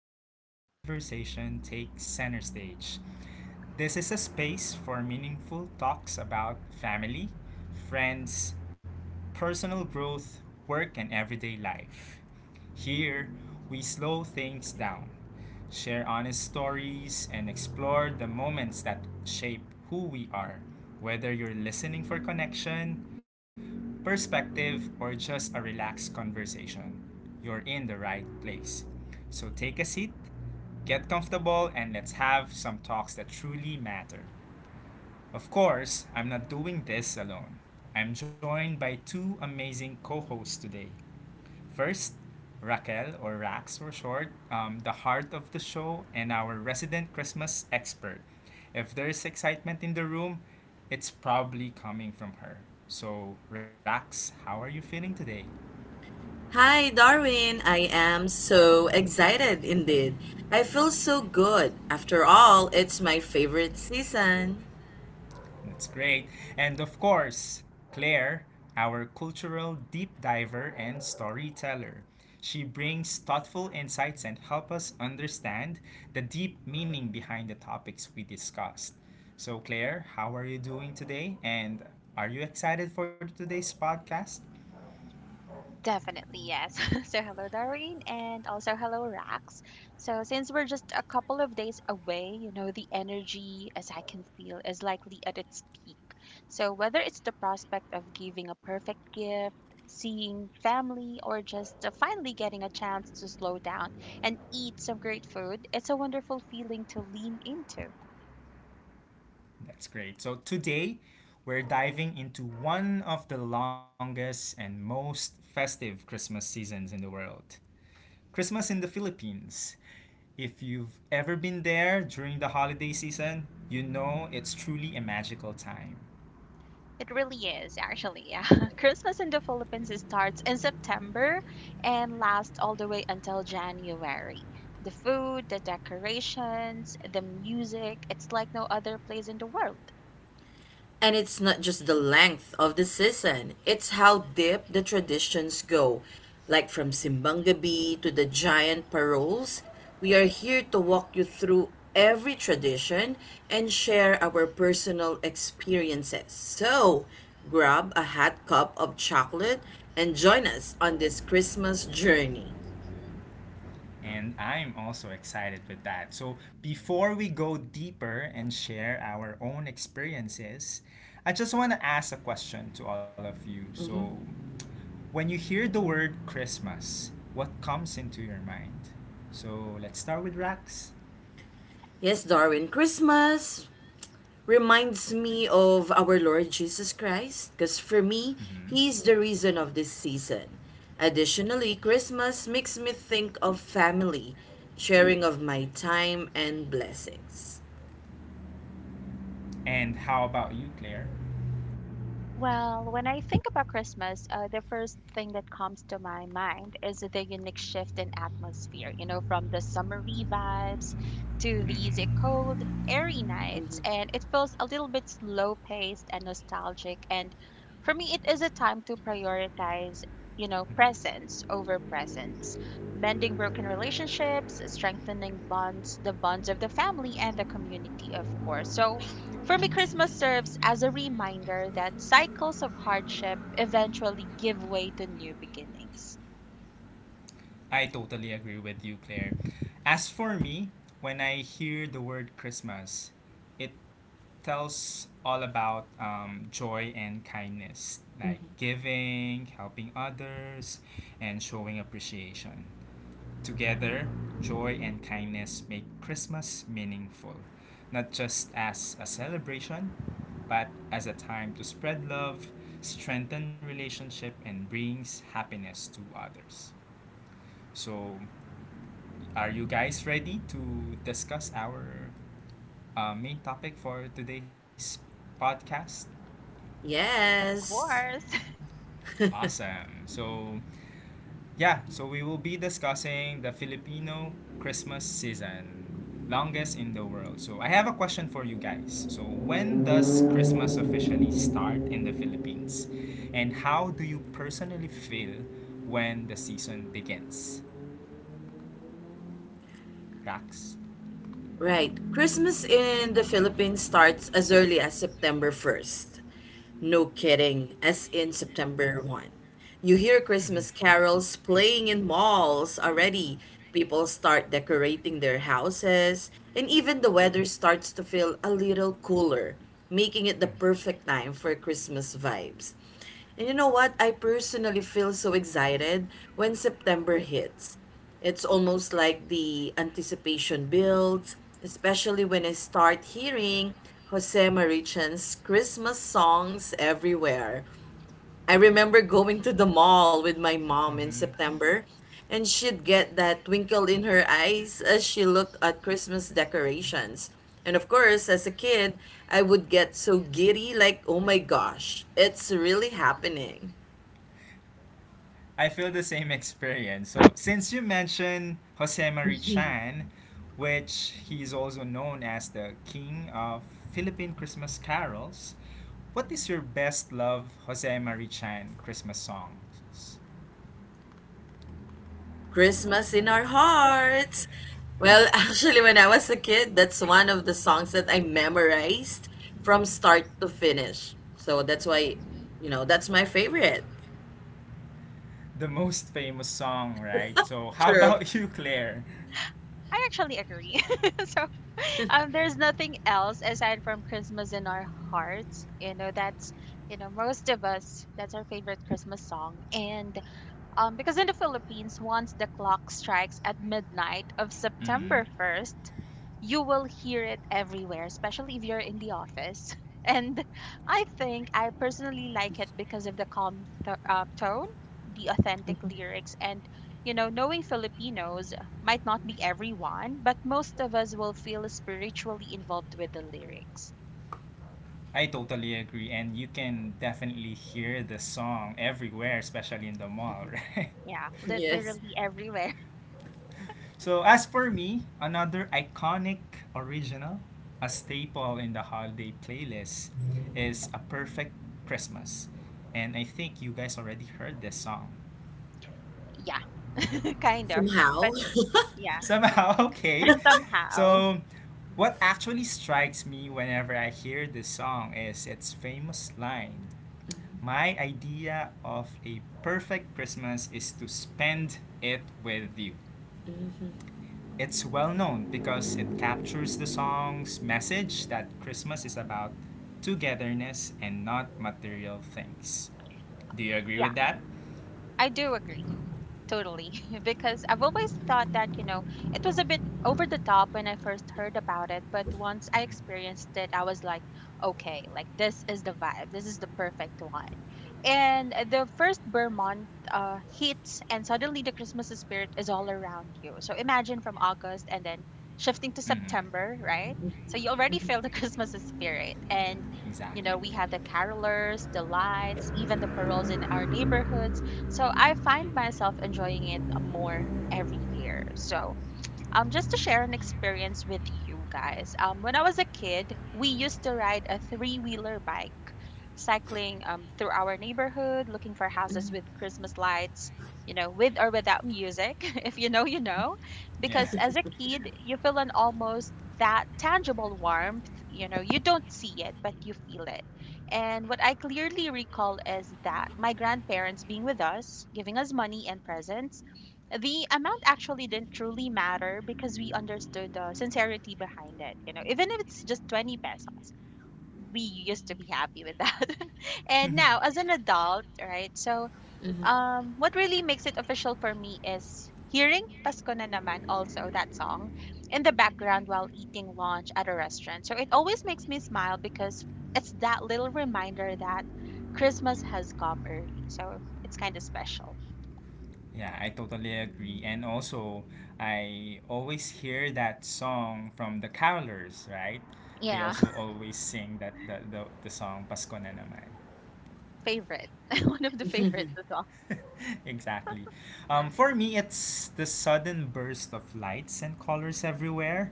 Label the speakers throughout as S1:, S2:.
S1: where real conversation takes center stage. This is a space for meaningful talks about family, friends, personal growth, work, and everyday life. Here, we slow things down, share honest stories, and explore the moments that shape who we are. Whether you're listening for connection, perspective, or just a relaxed conversation, you're in the right place. So take a seat, get comfortable, and let's have some talks that truly matter. Of course, I'm not doing this alone. I'm joined by two amazing co hosts today. First, Raquel, or Rax for short, the heart of the show and our resident Christmas expert. If there's excitement in the room, it's probably coming from her. So, Rax, how are you feeling today?
S2: Hi, Darwin. I am so excited indeed. I feel so good. After all, it's my favorite season.
S1: That's great. And of course, Claire, our cultural deep diver and storyteller. She brings thoughtful insights and help us understand the deep meaning behind the topics we discussed. So, Claire, how are you doing today? And are you excited for today's podcast?
S3: Definitely, yes. So, hello, Doreen, and also hello, Rax. So, since we're just a couple of days away, the energy, as I can feel, is likely at its peak. So, whether it's the prospect of giving a perfect gift, seeing family, or just finally getting a chance to slow down and eat some great food, it's a wonderful feeling to lean into.
S1: That's great. So today, we're diving into one of the longest and most festive Christmas seasons in the world. Christmas in the Philippines. If you've ever been there during the holiday season, you know it's truly a magical time.
S3: It really is, actually. Yeah. Christmas in the Philippines starts in September and lasts all the way until January. The food, the decorations, the music, it's like no other place in the world.
S2: And it's not just the length of the season, it's how deep the traditions go. Like from Simbang Gabi to the giant paroles, we are here to walk you through every tradition and share our personal experiences. So, grab a hot cup of chocolate and join us on this Christmas journey.
S1: And I'm also excited with that. So, before we go deeper and share our own experiences, I just want to ask a question to all of you. So, when you hear the word Christmas, what comes into your mind? So, let's start with Rax.
S2: Yes, Darwin, Christmas reminds me of our Lord Jesus Christ because for me,
S1: Hmm.
S2: He is the reason of this season. Additionally, Christmas makes me think of family, sharing of my time and blessings.
S1: And how about you, Claire?
S3: Well, when I think about Christmas, the first thing that comes to my mind is the unique shift in atmosphere, from the summery vibes to these
S1: Hmm.
S3: cold, airy nights. And it feels a little bit slow paced and nostalgic. And for me, it is a time to prioritize,
S1: Mm-hmm.
S3: presence over presents, mending broken relationships, strengthening bonds, the bonds of the family and the community, of course. So, for me, Christmas serves as a reminder that cycles of hardship eventually give way to new beginnings.
S1: I totally agree with you, Claire. As for me, when I hear the word Christmas, it tells all about joy and kindness, like giving, helping others, and showing appreciation. Together, joy and kindness make Christmas meaningful, not just as a celebration, but as a time to spread love, strengthen relationship, and brings happiness to others. So, are you guys ready to discuss our main topic for today's podcast?
S3: Of
S2: Yes.
S3: course.
S1: Awesome. So, yeah, so we will be discussing the Filipino Christmas season, longest in the world. So, I have a question for you guys. So, when does Christmas officially start in the Philippines? And how do you personally feel when the season begins? Rax?
S2: Right. Christmas in the Philippines starts as early as September 1st. No kidding, as in September 1st. You hear Christmas carols playing in malls already. People start decorating their houses, and even the weather starts to feel a little cooler, making it the perfect time for Christmas vibes. And you know what? I personally feel so excited when September hits, it's almost like the anticipation builds, especially when I start hearing Jose Marichan's Christmas songs everywhere. I remember going to the mall with my mom in
S1: Mhm.
S2: September, and she'd get that twinkle in her eyes as she looked at Christmas decorations. And of course, as a kid, I would get so giddy like, oh my gosh, it's really happening.
S1: I feel the same experience. So since you mentioned Jose Mari Chan, which he is also known as the king of Philippine Christmas carols, what is your best love Jose Mari Chan Christmas songs?
S2: Christmas in our hearts. Well, actually, when I was a kid, that's one of the songs that I memorized from start to finish. So that's why, that's my favorite.
S1: The most famous song, right? So, how
S2: True.
S1: about you, Claire?
S3: I actually agree. So, there's nothing else aside from Christmas in our hearts. That's, most of us, that's our favorite Christmas song. And because in the Philippines, once the clock strikes at midnight of
S1: Hmm.
S3: September 1st, you will hear it everywhere, especially if you're in the office. And I think I personally like it because of the calm tone, the authentic lyrics, and knowing Filipinos might not be everyone, but most of us will feel spiritually involved with the lyrics.
S1: I totally agree, and you can definitely hear the song everywhere, especially in the mall, right?
S3: Yeah,
S2: Yes.
S3: literally everywhere.
S1: So as for me, another iconic original, a staple in the holiday playlist, is A Perfect Christmas. And I think you guys already heard this song.
S3: Yeah, kind of. Yeah,
S2: Somehow.
S3: but yeah,
S1: Somehow, okay.
S3: somehow.
S1: So what actually strikes me whenever I hear this song is its famous line. My idea of a perfect Christmas is to spend it with you. It's well known because it captures the song's message that Christmas is about togetherness and not material things. Do you agree
S3: Yeah.
S1: with that?
S3: I do agree totally because I've always thought that, it was a bit over the top when I first heard about it, but once I experienced it, I was like, okay, like this is the vibe. This is the perfect one. And the first Vermont hits and suddenly the Christmas spirit is all around you. So imagine from August and then shifting to
S1: Hmm. Hmm.
S3: September, right? So you already feel the Christmas spirit and
S1: Exactly.
S3: we have the carolers, the lights, even the paroles in our neighborhoods, so I find myself enjoying it more every year. So, just to share an experience with you guys. When I was a kid, we used to ride a three wheeler bike, cycling through our neighborhood, looking for houses with Christmas lights, with or without music. If you know, you know.
S1: Yeah.
S3: Because as a kid, you feel an almost that tangible warmth. You don't see it, but you feel it. And what I clearly recall is that my grandparents being with us, giving us money and presents. The amount actually didn't truly matter because we understood the sincerity behind it. Even if it's just 20 pesos, we used to be happy with that. And now, as an adult, right? So, what really makes it official for me is hearing Pasko na naman, also that song in the background while eating lunch at a restaurant. So it always makes me smile because it's that little reminder that Christmas has come early. So it's kind of special.
S1: Yeah, I totally agree. And also, I always hear that song from the carolers, right? They
S3: Yeah.
S1: also always sing that the song Pasko na naman.
S3: Favorite. One of the favorites as well.
S1: Exactly. For me, it's the sudden burst of lights and colors everywhere.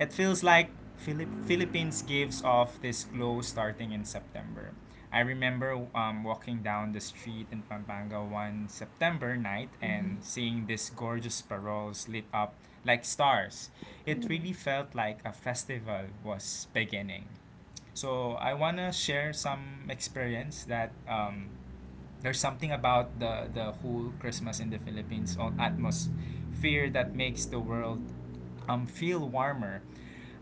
S1: It feels like Philippines gives off this glow starting in September. I remember walking down the street in Pampanga one September night and seeing these gorgeous paroles lit up like stars. It
S3: Hmm
S1: really felt like a festival was beginning. So I wanna share some experience that there's something about the whole Christmas in the Philippines on atmosphere that makes the world feel warmer.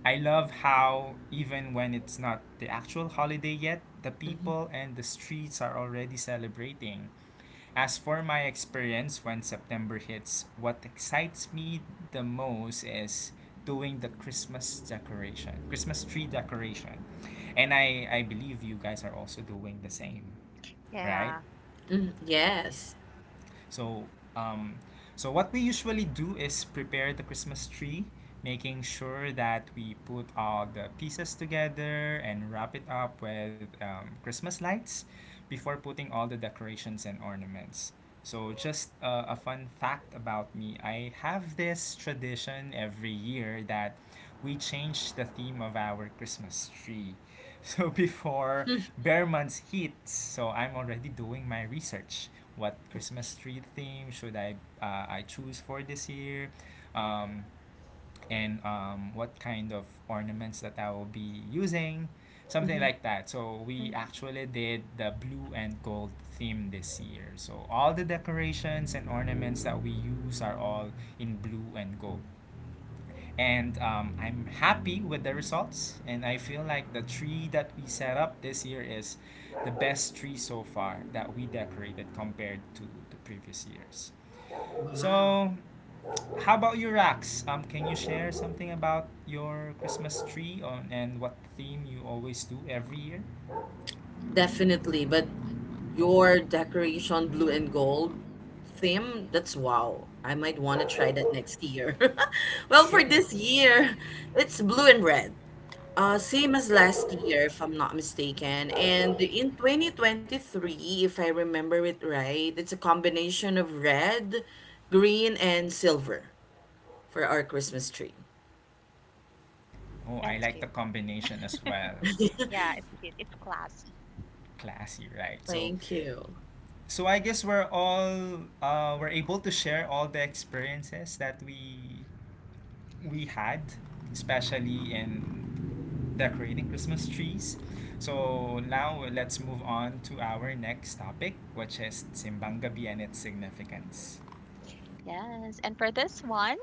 S1: I love how even when it's not the actual holiday yet, the people and the streets are already celebrating. As for my experience when September hits, what excites me the most is doing the Christmas decoration, Christmas tree decoration. And I believe you guys are also doing the same, right?
S3: Yeah.
S2: Yes.
S1: So um, so what we usually do is prepare the Christmas tree, making sure that we put all the pieces together and wrap it up with Christmas lights before putting all the decorations and ornaments. So just a fun fact about me, I have this tradition every year that we change the theme of our Christmas tree. So before bear months hits, so I'm already doing my research what Christmas tree theme should I choose for this year? Um, and what kind of ornaments that I will be using, something like that. So we
S3: hmm
S1: actually did the blue and gold theme this year. So all the decorations and ornaments that we use are all in blue and gold. And I'm happy with the results. And I feel like the tree that we set up this year is the best tree so far that we decorated compared to the previous years.
S2: Wow.
S1: So, how about you, Rax? Can you share something about your Christmas tree on, and what theme you always do every year?
S2: Definitely, but your decoration blue and gold theme, that's wow. I might want to try that next year. Well, for
S1: Sure.
S2: this year, it's blue and red. Same as last year, if I'm not mistaken. And in 2023, if I remember it right, it's a combination of red, green, and silver for our Christmas tree.
S1: Oh, I
S3: That's
S1: like the
S3: cute.
S1: combination as well.
S3: Yeah, it's cute. It's classy.
S1: Classy, right? So
S2: Thank you.
S1: So I guess we're all we're able to share all the experiences that we had, especially in decorating Christmas trees. So now let's move on to our next topic, which is Simbang Gabi and its significance.
S3: Yes. And for this one,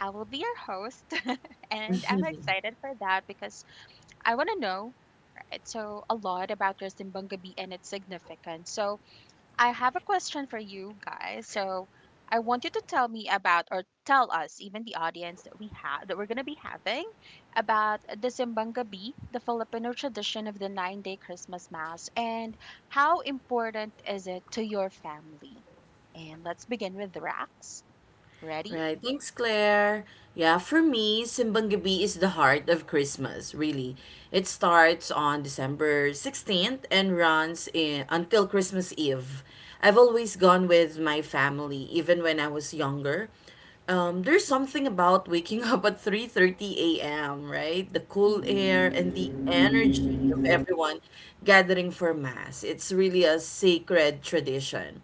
S3: I will be your host. And I'm excited for that because I want to know, right, so a lot about your Zimbanga Bee and its significance. So I have a question for you guys. So I want you to tell me about, or tell us, even the audience that we have that we're gonna be having, about the Simbangabi, the Filipino tradition of the 9-day Christmas mass, and how important is it to your family? And let's begin with Rax. Ready?
S2: Right. Thanks, Claire. Yeah, for me, Simbang Gabi is the heart of Christmas, really. It starts on December 16th and runs until Christmas Eve. I've always gone with my family, even when I was younger. There's something about waking up at 3:30 a.m., right? The cool
S3: Mhm.
S2: air and the energy of everyone gathering for mass. It's really a sacred tradition.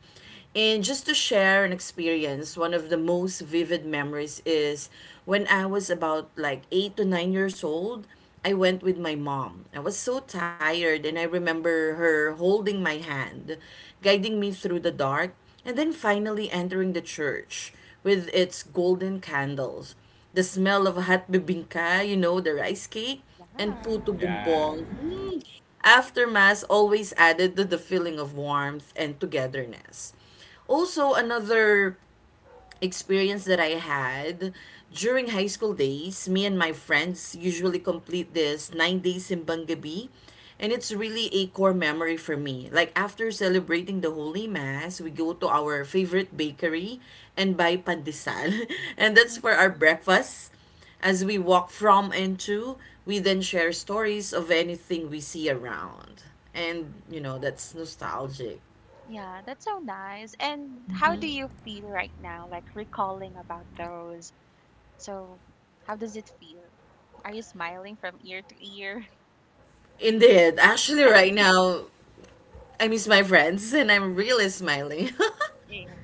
S2: And just to share an experience, one of the most vivid memories is when I was about like 8 to 9 years old, I went with my mom. I was so tired and I remember her holding my hand, guiding me through the dark, and then finally entering the church with its golden candles, the smell of hot bibingka, the rice cake, and puto
S3: Yeah.
S1: Yeah,
S2: bumbong. Hmm. After mass always added to the feeling of warmth and togetherness. Also, another experience that I had during high school days, me and my friends usually complete this 9 days in Bangabi, and it's really a core memory for me. Like after celebrating the Holy Mass, we go to our favorite bakery and buy pandesal, and that's for our
S3: Mhm.
S2: breakfast. As we walk from and to, we then share stories of anything we see around. And, that's nostalgic.
S3: Yeah, that's so nice. And how do you feel right now, like recalling about those? So, how does it feel? Are you smiling from ear to ear?
S2: Indeed, actually, right now, I miss my friends and I'm really smiling.
S3: Yeah.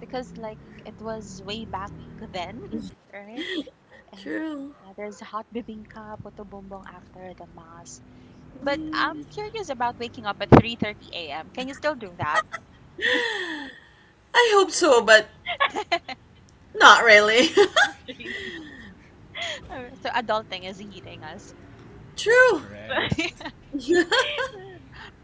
S3: Because, like, it was way back then, right? And
S2: True.
S3: yeah, there's hot bibingka, puto bumbong after the mass. But I'm curious about waking up at 3:30 a.m. Can you still do that?
S2: I hope so, but not really.
S3: Really. So adulting is eating us.
S2: True.
S1: correct.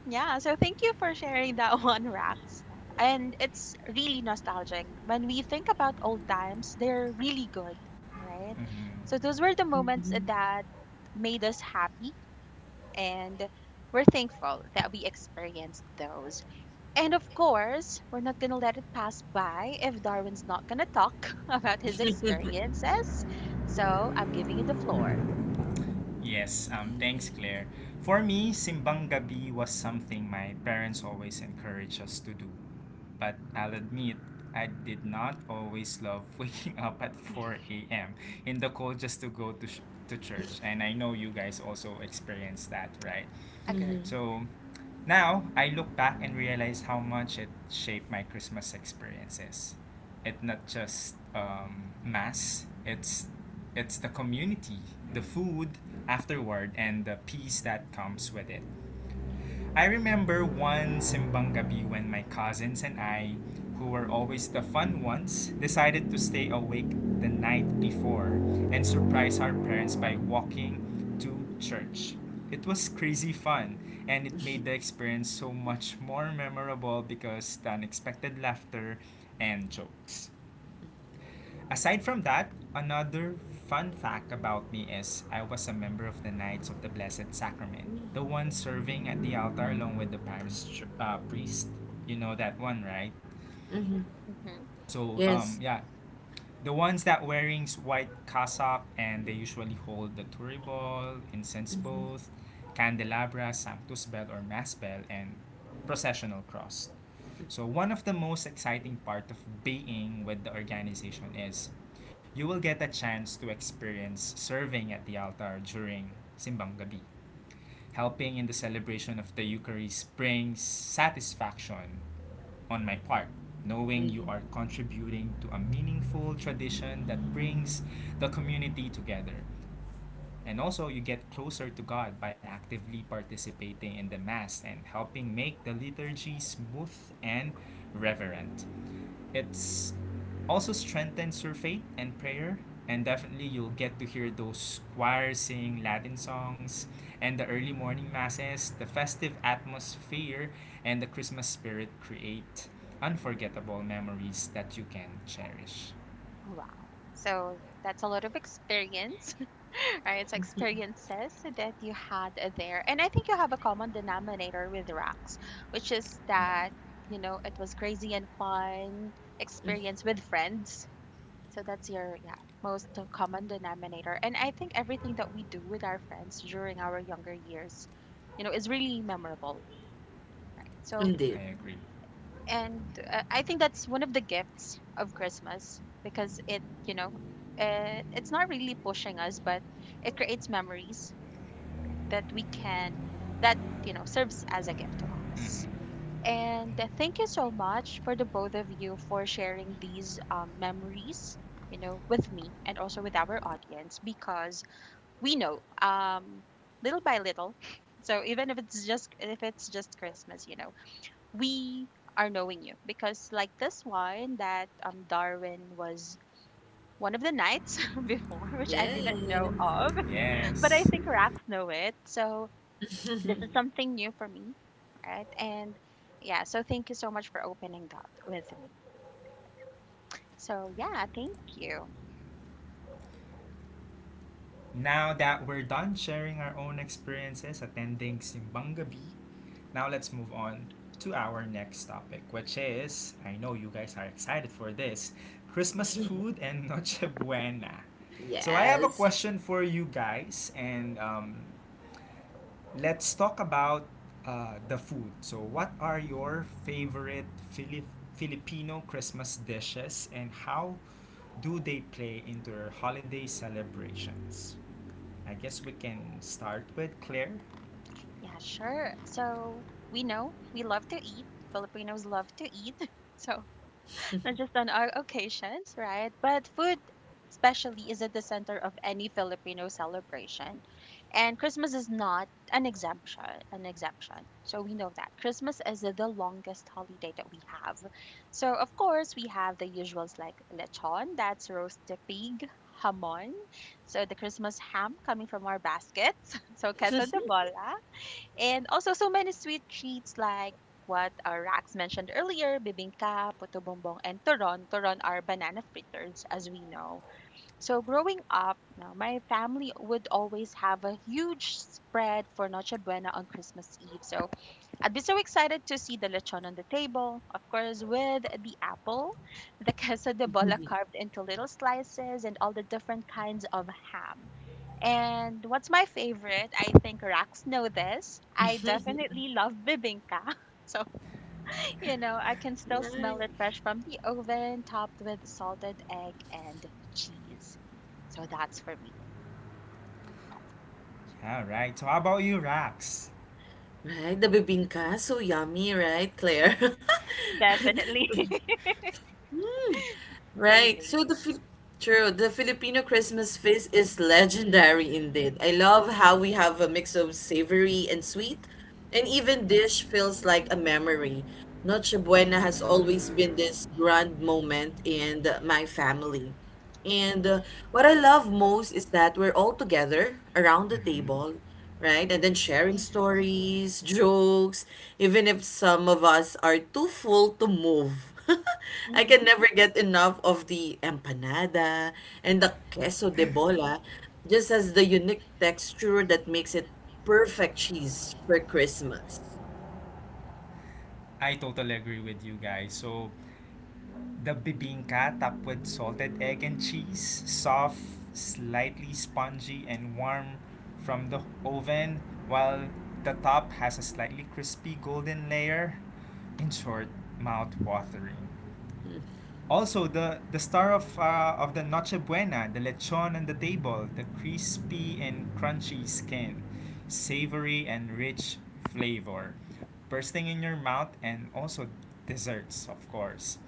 S3: Yeah, so thank you for sharing that one, Rax. No? And it's really nostalgic. When we think about old times, they're really good, right?
S1: Mm-hmm.
S3: So those were the moments that made us happy, and we're thankful that we experienced those. And of course, we're not gonna let it pass by if Darwin's not gonna talk about his experiences. So I'm giving you the floor.
S1: Yes, thanks, Claire. For me, Simbang Gabi was something my parents always encouraged us to do. But I'll admit, I did not always love waking up at 4 a.m. in the cold just to go to, to church. And I know you guys also experienced that, right?
S3: Agree.
S2: Mm-hmm.
S1: So now I look back and realize how much it shaped my Christmas experiences. It's not just mass, it's the community, the food afterward, and the peace that comes with it. I remember one Simbang Gabi when my cousins and I, who were always the fun ones, decided to stay awake the night before and surprise our parents by walking to church. It was crazy fun and it made the experience so much more memorable because the unexpected laughter and jokes. Aside from that, another fun fact about me is I was a member of the Knights of the Blessed Sacrament, the one serving at the altar along with the parish priest. You know that one, right?
S2: Mm-hmm.
S1: So,
S2: Yes.
S1: yeah, the ones that wearing white cassock and they usually hold the Turi ball, incense both, candelabra, sanctus bell or mass bell, and processional cross. So one of the most exciting part of being with the organization is you will get a chance to experience serving at the altar during Simbang Gabi, helping in the celebration of the Eucharist brings satisfaction on my part, knowing you are contributing to a meaningful tradition that brings the community together. And also, you get closer to God by actively participating in the Mass and helping make the liturgy smooth and reverent. It's also strengthens your faith and prayer, and definitely you'll get to hear those choirs sing Latin songs and the early morning masses, the festive atmosphere, and the Christmas spirit create unforgettable memories that you can cherish.
S3: Wow. So that's a lot of experience, right? It's
S2: Mhm.
S3: experiences that you had there. And I think you have a common denominator with Rax, which is
S1: Yeah,
S3: that, it was crazy and fun experience with friends. So that's your, yeah, most common denominator. And I think everything that we do with our friends during our younger years, is really memorable, right? So,
S2: Indeed.
S1: I agree.
S3: and I think that's one of the gifts of Christmas because it, you know, it, it's not really pushing us, but it creates memories, right, that we can, that, serves as a gift to us.
S1: Mhm.
S3: And thank you so much for the both of you for sharing these memories, with me and also with our audience because we know, little by little. So even if it's just Christmas, we are knowing you because, like, this one that Darwin was one of the knights before, which I didn't know
S2: Yes.
S3: of, but I
S1: Yes.
S3: think Rax know it, so this is something new for me, right? And yeah, so thank you so much for opening that with me, so yeah, thank you.
S1: Now that we're done sharing our own experiences attending Simbang Gabi, now let's move on to our next topic, which is I know you guys are excited for this, Christmas
S3: Hmm.
S1: food and Noche Buena. So, I have a
S2: Yes.
S1: question for you guys, and let's talk about the food. So, what are your favorite Filipino Christmas dishes, and how do they play into your holiday celebrations? I guess we can start with Claire.
S3: Yeah, sure. So we know we love to eat. Filipinos love to eat. So, not just on our occasions, right? But food, especially, is at the center of any Filipino celebration. And Christmas is not an exemption. So we know that Christmas is the longest holiday that we have. So of course we have the usuals like lechon, that's roasted pig, hamon, so the Christmas ham coming from our baskets, so queso de bola, and also so many sweet treats like what Rax mentioned earlier, bibingka, puto bumbong, and turon. Turon are banana fritters, as we know. So growing up, now, my family would always have a huge spread for Noche Buena on Christmas Eve. So I'd be so excited to see the lechon on the table, of course, with the apple, the queso de bola carved into little slices, and all the different kinds of ham. And what's my favorite? I think Rax know this. I definitely love bibinka. So, I can still smell
S2: Right.
S3: it fresh from the oven, topped with salted egg and cheese. So that's for me.
S1: All right. So how about you, Rax?
S2: Right. The bibingka, so yummy, right, Claire?
S3: Definitely.
S2: Mm. Right.
S3: Craving.
S2: True, the Filipino Christmas feast is legendary indeed. I love how we have a mix of savory and sweet, and even dish feels like a memory. Noche Buena has always been this grand moment in my family. And what I love most is that we're all together around the
S1: Mm-hmm.
S2: table, right? And then sharing
S3: Hmm.
S2: stories, jokes, even if some of us are too full to move. I can
S3: Hmm.
S2: never get enough of the empanada and the queso de bola, just as the unique texture that makes it perfect cheese for Christmas.
S1: I totally agree with you guys. So the bibingka topped with salted egg and cheese, soft, slightly spongy, and warm from the oven, while the top has a slightly crispy golden layer. In short, mouth watering. Also, the star of the Noche Buena, the lechon on the table, the crispy and crunchy skin, savory and rich flavor, bursting in your mouth, and also desserts, of course.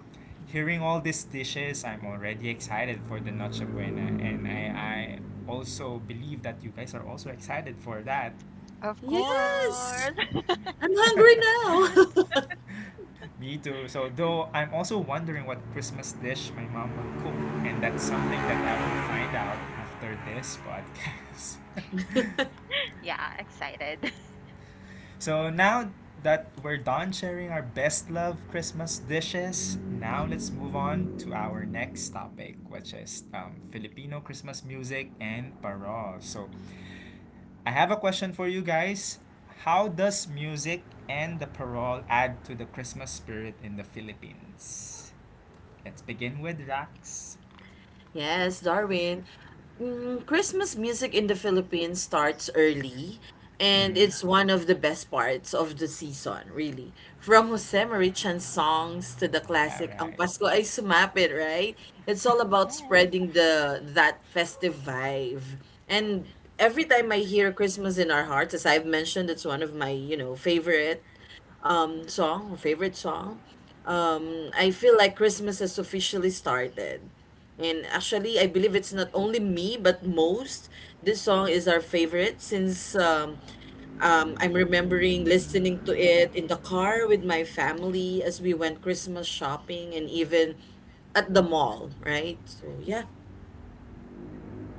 S1: Hearing all these dishes, I'm already excited for the Noche Buena, and I also believe that you guys are also excited for that.
S3: Of
S2: Yes,
S3: course.
S2: I'm hungry now.
S1: Me too. So, though I'm also wondering what Christmas dish my mom will cook, and that's something that I will find out after this podcast.
S3: Yeah, excited.
S1: So, now that we're done sharing our best love Christmas dishes, now let's move on to our next topic, which is Filipino Christmas music and parol. So, I have a question for you guys. How does music and the parole add to the Christmas spirit in the Philippines? Let's begin with Rax.
S2: Yes, Darwin. Christmas music in the Philippines starts early, and
S1: Mm-hmm.
S2: it's one of the best parts of the season, really. From Jose Marichan's songs to the
S1: Yeah,
S2: classic Ang
S1: right.
S2: Pasko ay Sumapit, right? It's all about
S3: Yeah.
S2: spreading the that festive vibe. And every time I hear Christmas in Our Hearts, as I've mentioned, it's one of my favorite song or favorite song. I feel like Christmas has officially started. And actually, I believe it's not only me, but most. This song is our favorite since I'm remembering listening to it in the car with my family as we went Christmas shopping and even at the mall, right? So,
S3: Mhm.
S2: yeah.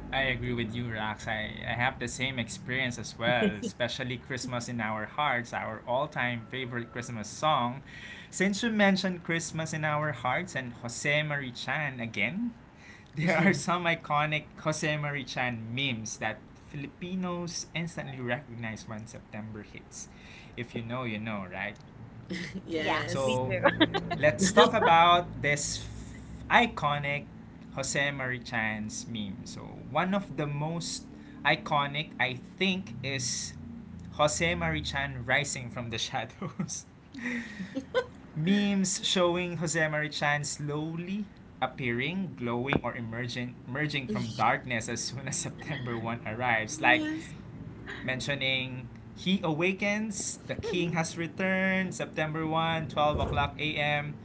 S1: I agree with you, Rax. I have the same experience as well, especially Christmas in Our Hearts, our all time favorite Christmas song. Since you mentioned Christmas in Our Hearts and Jose Marie Chan again, there are some iconic Jose Marie Chan memes that Filipinos instantly recognize when September hits. If you know, you know, right?
S3: Yeah, we
S2: Yes.
S1: So
S3: do.
S1: let's talk about this iconic Jose Marichan's meme. So one of the most iconic, I think, is Jose Marichan rising from the shadows. Memes showing Jose Marichan slowly appearing, glowing, or emerging from darkness as soon as September 1st arrives. Like
S2: Yes.
S1: mentioning he awakens, the king has returned, September 1st, 12 o'clock a.m.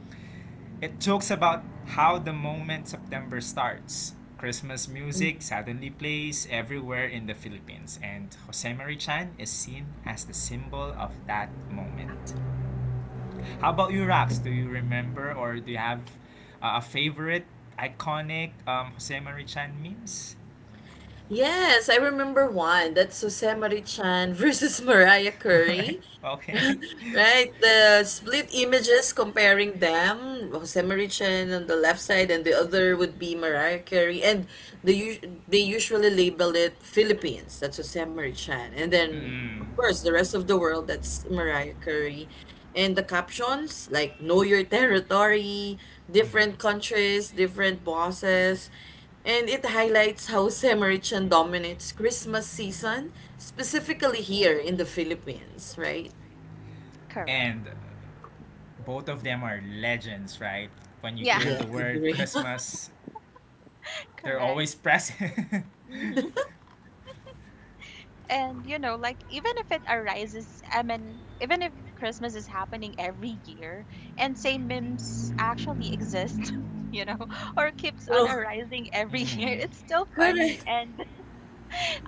S1: It jokes about how the moment September starts, Christmas music suddenly plays everywhere in the Philippines, and Jose Marichan is seen as the symbol of that moment. How about you, Rax? Do you remember or do you have a favorite iconic Jose Marichan memes?
S2: Yes, I remember one. That's Jose Marie Chan versus Mariah
S1: Right.
S2: Carey.
S1: Okay.
S2: Right, the split images comparing them, Jose Marichen on the left side, and the other would be Mariah Carey, and they usually label it Philippines. That's Jose Marichen, and then
S1: Mm.
S2: of course the rest of the world. That's Mariah Carey, and the captions like "Know Your Territory,"
S1: Hmm.
S2: different countries, different bosses, and it highlights how Samaritan dominates Christmas season, specifically here in the Philippines, right?
S3: Correct.
S1: And both of them are legends, right? When you
S3: Yeah,
S1: hear
S2: Yeah,
S1: the word
S2: agree.
S1: Christmas, they're
S3: correct.
S1: always present.
S3: Hmm. And like, even if it arises, I mean, even if Christmas is happening every year and say memes actually exist, you know, or keeps on
S2: Bro,
S3: arising every year, it's still funny.
S2: correct.
S3: And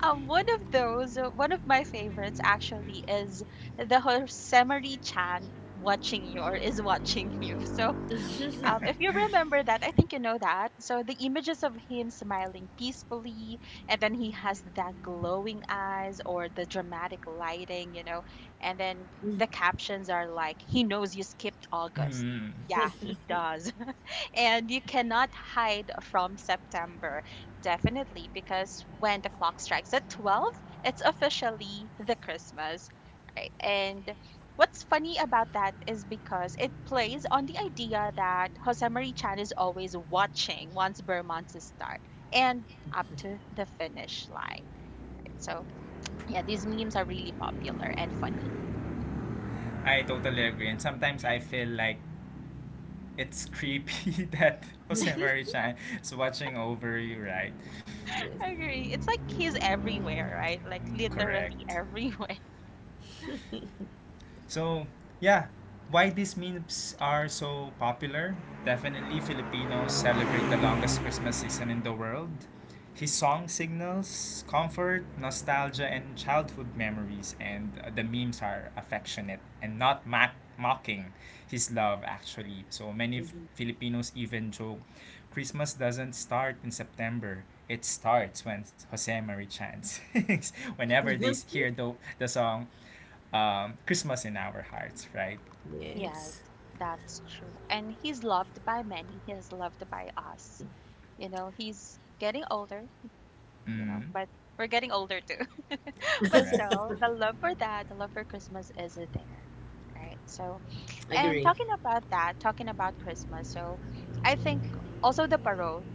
S3: one of my favorites actually is the Hosemari Chan watching you, or is watching you. So,
S1: Mhm.
S3: if you remember that, I think you know that. So the images of him smiling peacefully, and then he has that glowing eyes or the dramatic lighting, and then the captions are like, he knows you skipped August.
S1: Hmm.
S3: Yeah, he does, and you cannot hide from September, definitely, because when the clock strikes at 12, it's officially the Christmas, right? And what's funny about that is because it plays on the idea that Jose Marie Chan is always watching once Bermont's start and up to the finish line. So, yeah, these memes are really popular and funny.
S1: I totally agree. And sometimes I feel like it's creepy that Jose Marie Chan is watching over you, right?
S2: Yes.
S3: I agree. It's like he's everywhere, right? Like literally
S1: Correct.
S3: everywhere.
S1: So, yeah, why these memes are so popular? Definitely Filipinos celebrate the longest Christmas season in the world. His song signals comfort, nostalgia, and childhood memories, and the memes are affectionate and not mocking his love, actually. So many Filipinos even joke Christmas doesn't start in September. It starts when Jose Marie chants. Whenever they
S2: Mhm.
S1: hear the song, Christmas in our hearts, right?
S3: Yes,
S2: Yes.
S3: that's true. And he's loved by many. He's loved by us. He's getting older,
S1: Mm,
S3: but we're getting older too. But
S1: correct.
S3: still, the love for that, the love for Christmas is there. Right. So, and
S2: Agree.
S3: talking about that, talking about Christmas. So, I think also the parole,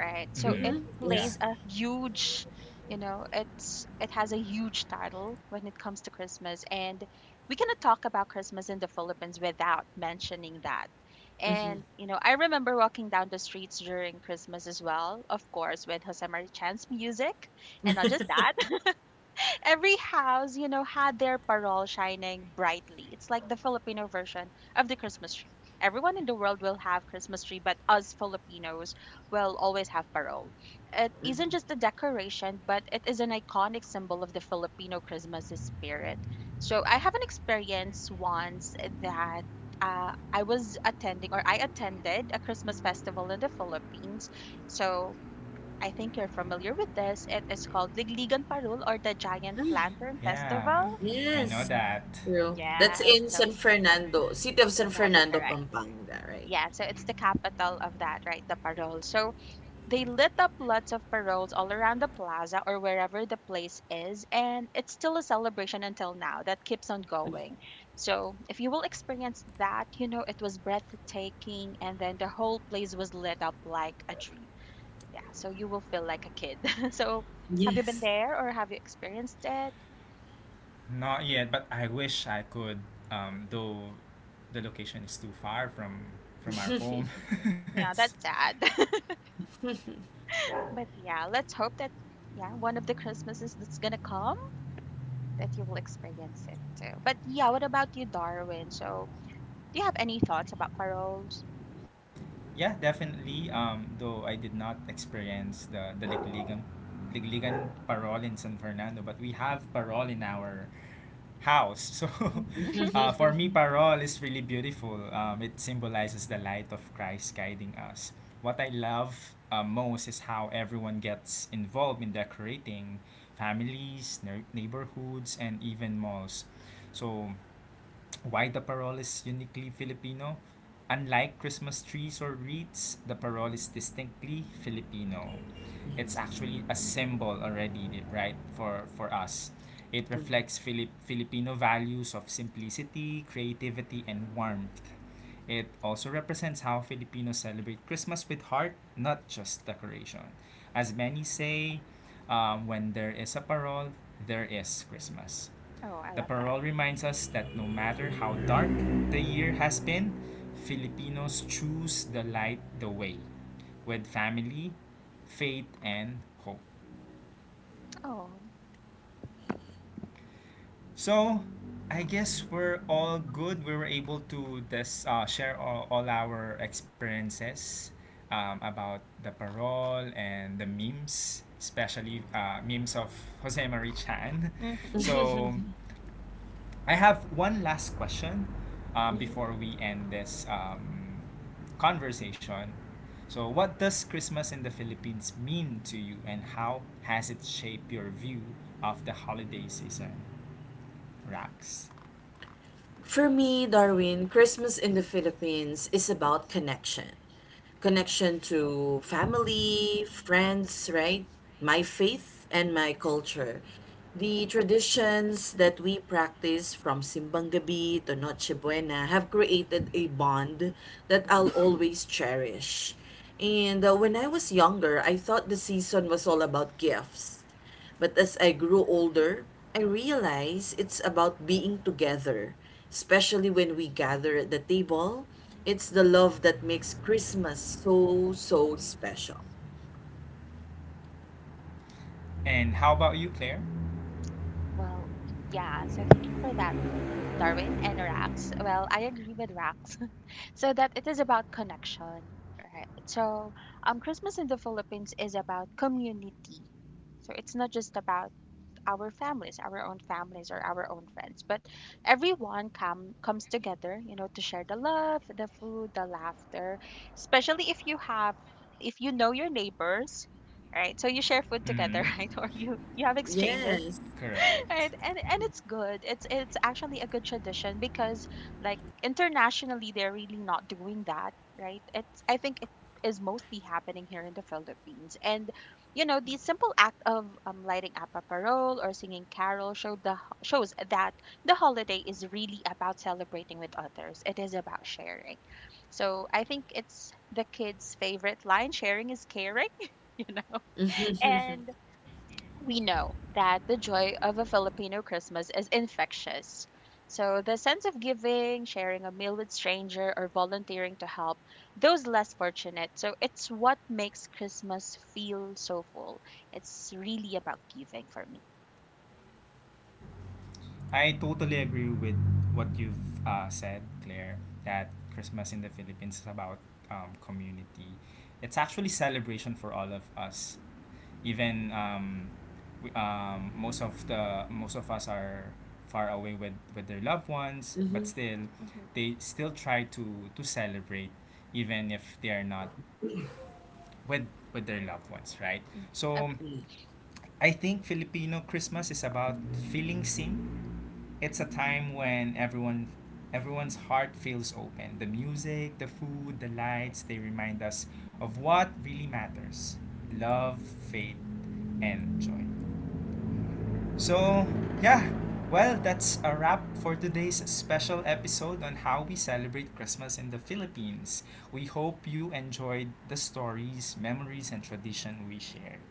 S3: right? So
S1: Mm,
S2: Mm-hmm.
S3: it
S1: yeah.
S2: Yes.
S3: plays a huge, it has a huge title when it comes to Christmas, and we cannot talk about Christmas in the Philippines without mentioning that.
S2: Mm-hmm.
S3: And I remember walking down the streets during Christmas as well, of course, with Jose Marichan's music, and not just that, every house, had their parol shining brightly. It's like the Filipino version of the Christmas tree. Everyone in the world will have Christmas tree, but us Filipinos will always have parol. It
S2: Mm-hmm.
S3: isn't just a decoration, but it is an iconic symbol of the Filipino Christmas spirit. So I have an experience once that, I was attending, or I attended a Christmas festival in the Philippines. So I think you're familiar with this. It is called Ligligan Parul, or the Giant
S2: Mm,
S3: Lantern
S1: Yeah,
S3: Festival.
S1: I know
S2: yes.
S1: that.
S2: True. That's
S3: Yeah,
S2: in San
S3: so
S2: Fernando, city of San
S3: that's
S2: Fernando,
S3: correct.
S2: Pampanga, right?
S3: Yeah, so it's the capital of that, right? The Parol. So they lit up lots of paroles all around the plaza or wherever the place is, and it's still a celebration until now that keeps on going. So if you will experience that, it was breathtaking, and then the whole place was lit up like a dream. Yeah, so you will feel like a kid. So, have you been
S2: Yes.
S3: there, or have you experienced it?
S1: Not yet, but I wish I could. Though the location is too far from our home.
S3: Yeah,
S1: It's
S3: that's sad. But yeah, let's hope that, yeah, one of the Christmases that's gonna come, that you will experience it too. But yeah, what about you, Darwin? So, do you have any thoughts about paroles?
S1: yeah, definitely. Though I did not experience the Ligligan, Ligligan parol in San Fernando, but we have parol in our house. So,
S3: Hmm.
S1: for me, parol is really beautiful. It symbolizes the light of Christ guiding us. What I love most is how everyone gets involved in decorating families, neighborhoods, and even malls. So why the parol is uniquely Filipino? Unlike Christmas trees or wreaths, the parol is distinctly Filipino. It's actually a symbol already, right, for us. It
S2: Yes.
S1: reflects Filipino values of simplicity, creativity, and warmth. It also represents how Filipinos celebrate Christmas with heart, not just decoration. As many say, when there is a parol, there is Christmas.
S3: Oh, I
S1: The
S3: love that.
S1: parole reminds us that no matter how dark the year has been, Filipinos choose the light the way with family, faith, and hope.
S3: Oh.
S1: So, I guess we're all good. We were able to this, share all our experiences about the parole and the memes, especially memes of Jose Marie Chan.
S3: Hmm.
S1: So, I have one last question before we end this conversation. So, what does Christmas in the Philippines mean to you, and how has it shaped your view of the holiday season? Rax.
S2: For me, Darwin, Christmas in the Philippines is about connection.
S1: Yeah.
S2: Connection to family, friends, right? My faith and my culture. The traditions that we practice from Simbang Gabi to Noche Buena have created a bond that I'll always cherish. And when I was younger, I thought the season was all about gifts. But as I grew older, I realized it's about being together, especially when we gather at the table. It's the love that makes Christmas so, so special.
S1: And how about you, Claire?
S3: Well, yeah. So thank you for that, Darwin and Rax. Well, I agree with Rax. So, that it is about connection, right? So, Christmas in the Philippines is about community. So it's not just about our families, our own families, or our own friends, but everyone comes together, to share the love, the food, the laughter, especially if you know your neighbors, right? So you share food
S1: Mm-hmm.
S3: together, right, or you have exchanges,
S2: Yes.
S1: Correct.
S3: right. And it's good, it's actually a good tradition, because, like, internationally they're really not doing that, right? it's I think it is mostly happening here in the Philippines, and the simple act of lighting up a parole or singing carol showed the shows that the holiday is really about celebrating with others, it is about sharing. So I think it's the kids favorite line, sharing is caring. you know and we know that the joy of a Filipino Christmas is infectious. So, the sense of giving, sharing a meal with stranger, or volunteering to help those less fortunate. So, it's what makes Christmas feel so full. It's really about giving for me.
S1: I totally agree with what you've said, Claire, that Christmas in the Philippines is about community. It's actually celebration for all of us. Even most of us are far away with their loved ones, but
S2: hmm
S1: still,
S3: Hmm.
S1: they still try to celebrate, even if they are not with their loved ones, right?
S3: Hmm.
S1: So,
S3: Agree.
S1: I think Filipino Christmas is about feeling seen. It's a time when everyone's heart feels open. The music, the food, the lights, they remind us of what really matters. Love, faith, and joy. So, yeah. Well, that's a wrap for today's special episode on how we celebrate Christmas in the Philippines. We hope you enjoyed the stories, memories, and tradition we shared.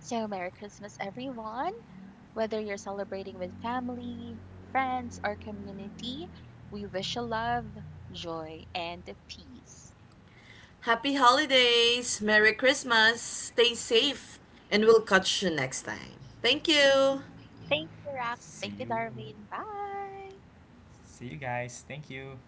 S3: So, Merry Christmas, everyone. Whether you're celebrating with family, friends, or community, we wish you love, joy, and peace.
S2: Happy holidays. Merry Christmas. Stay safe. And we'll catch you next time. Thank you.
S3: Thank you, Rax.
S1: See
S3: Thank you,
S1: you.
S3: Darwin. Bye.
S1: See you guys. Thank you.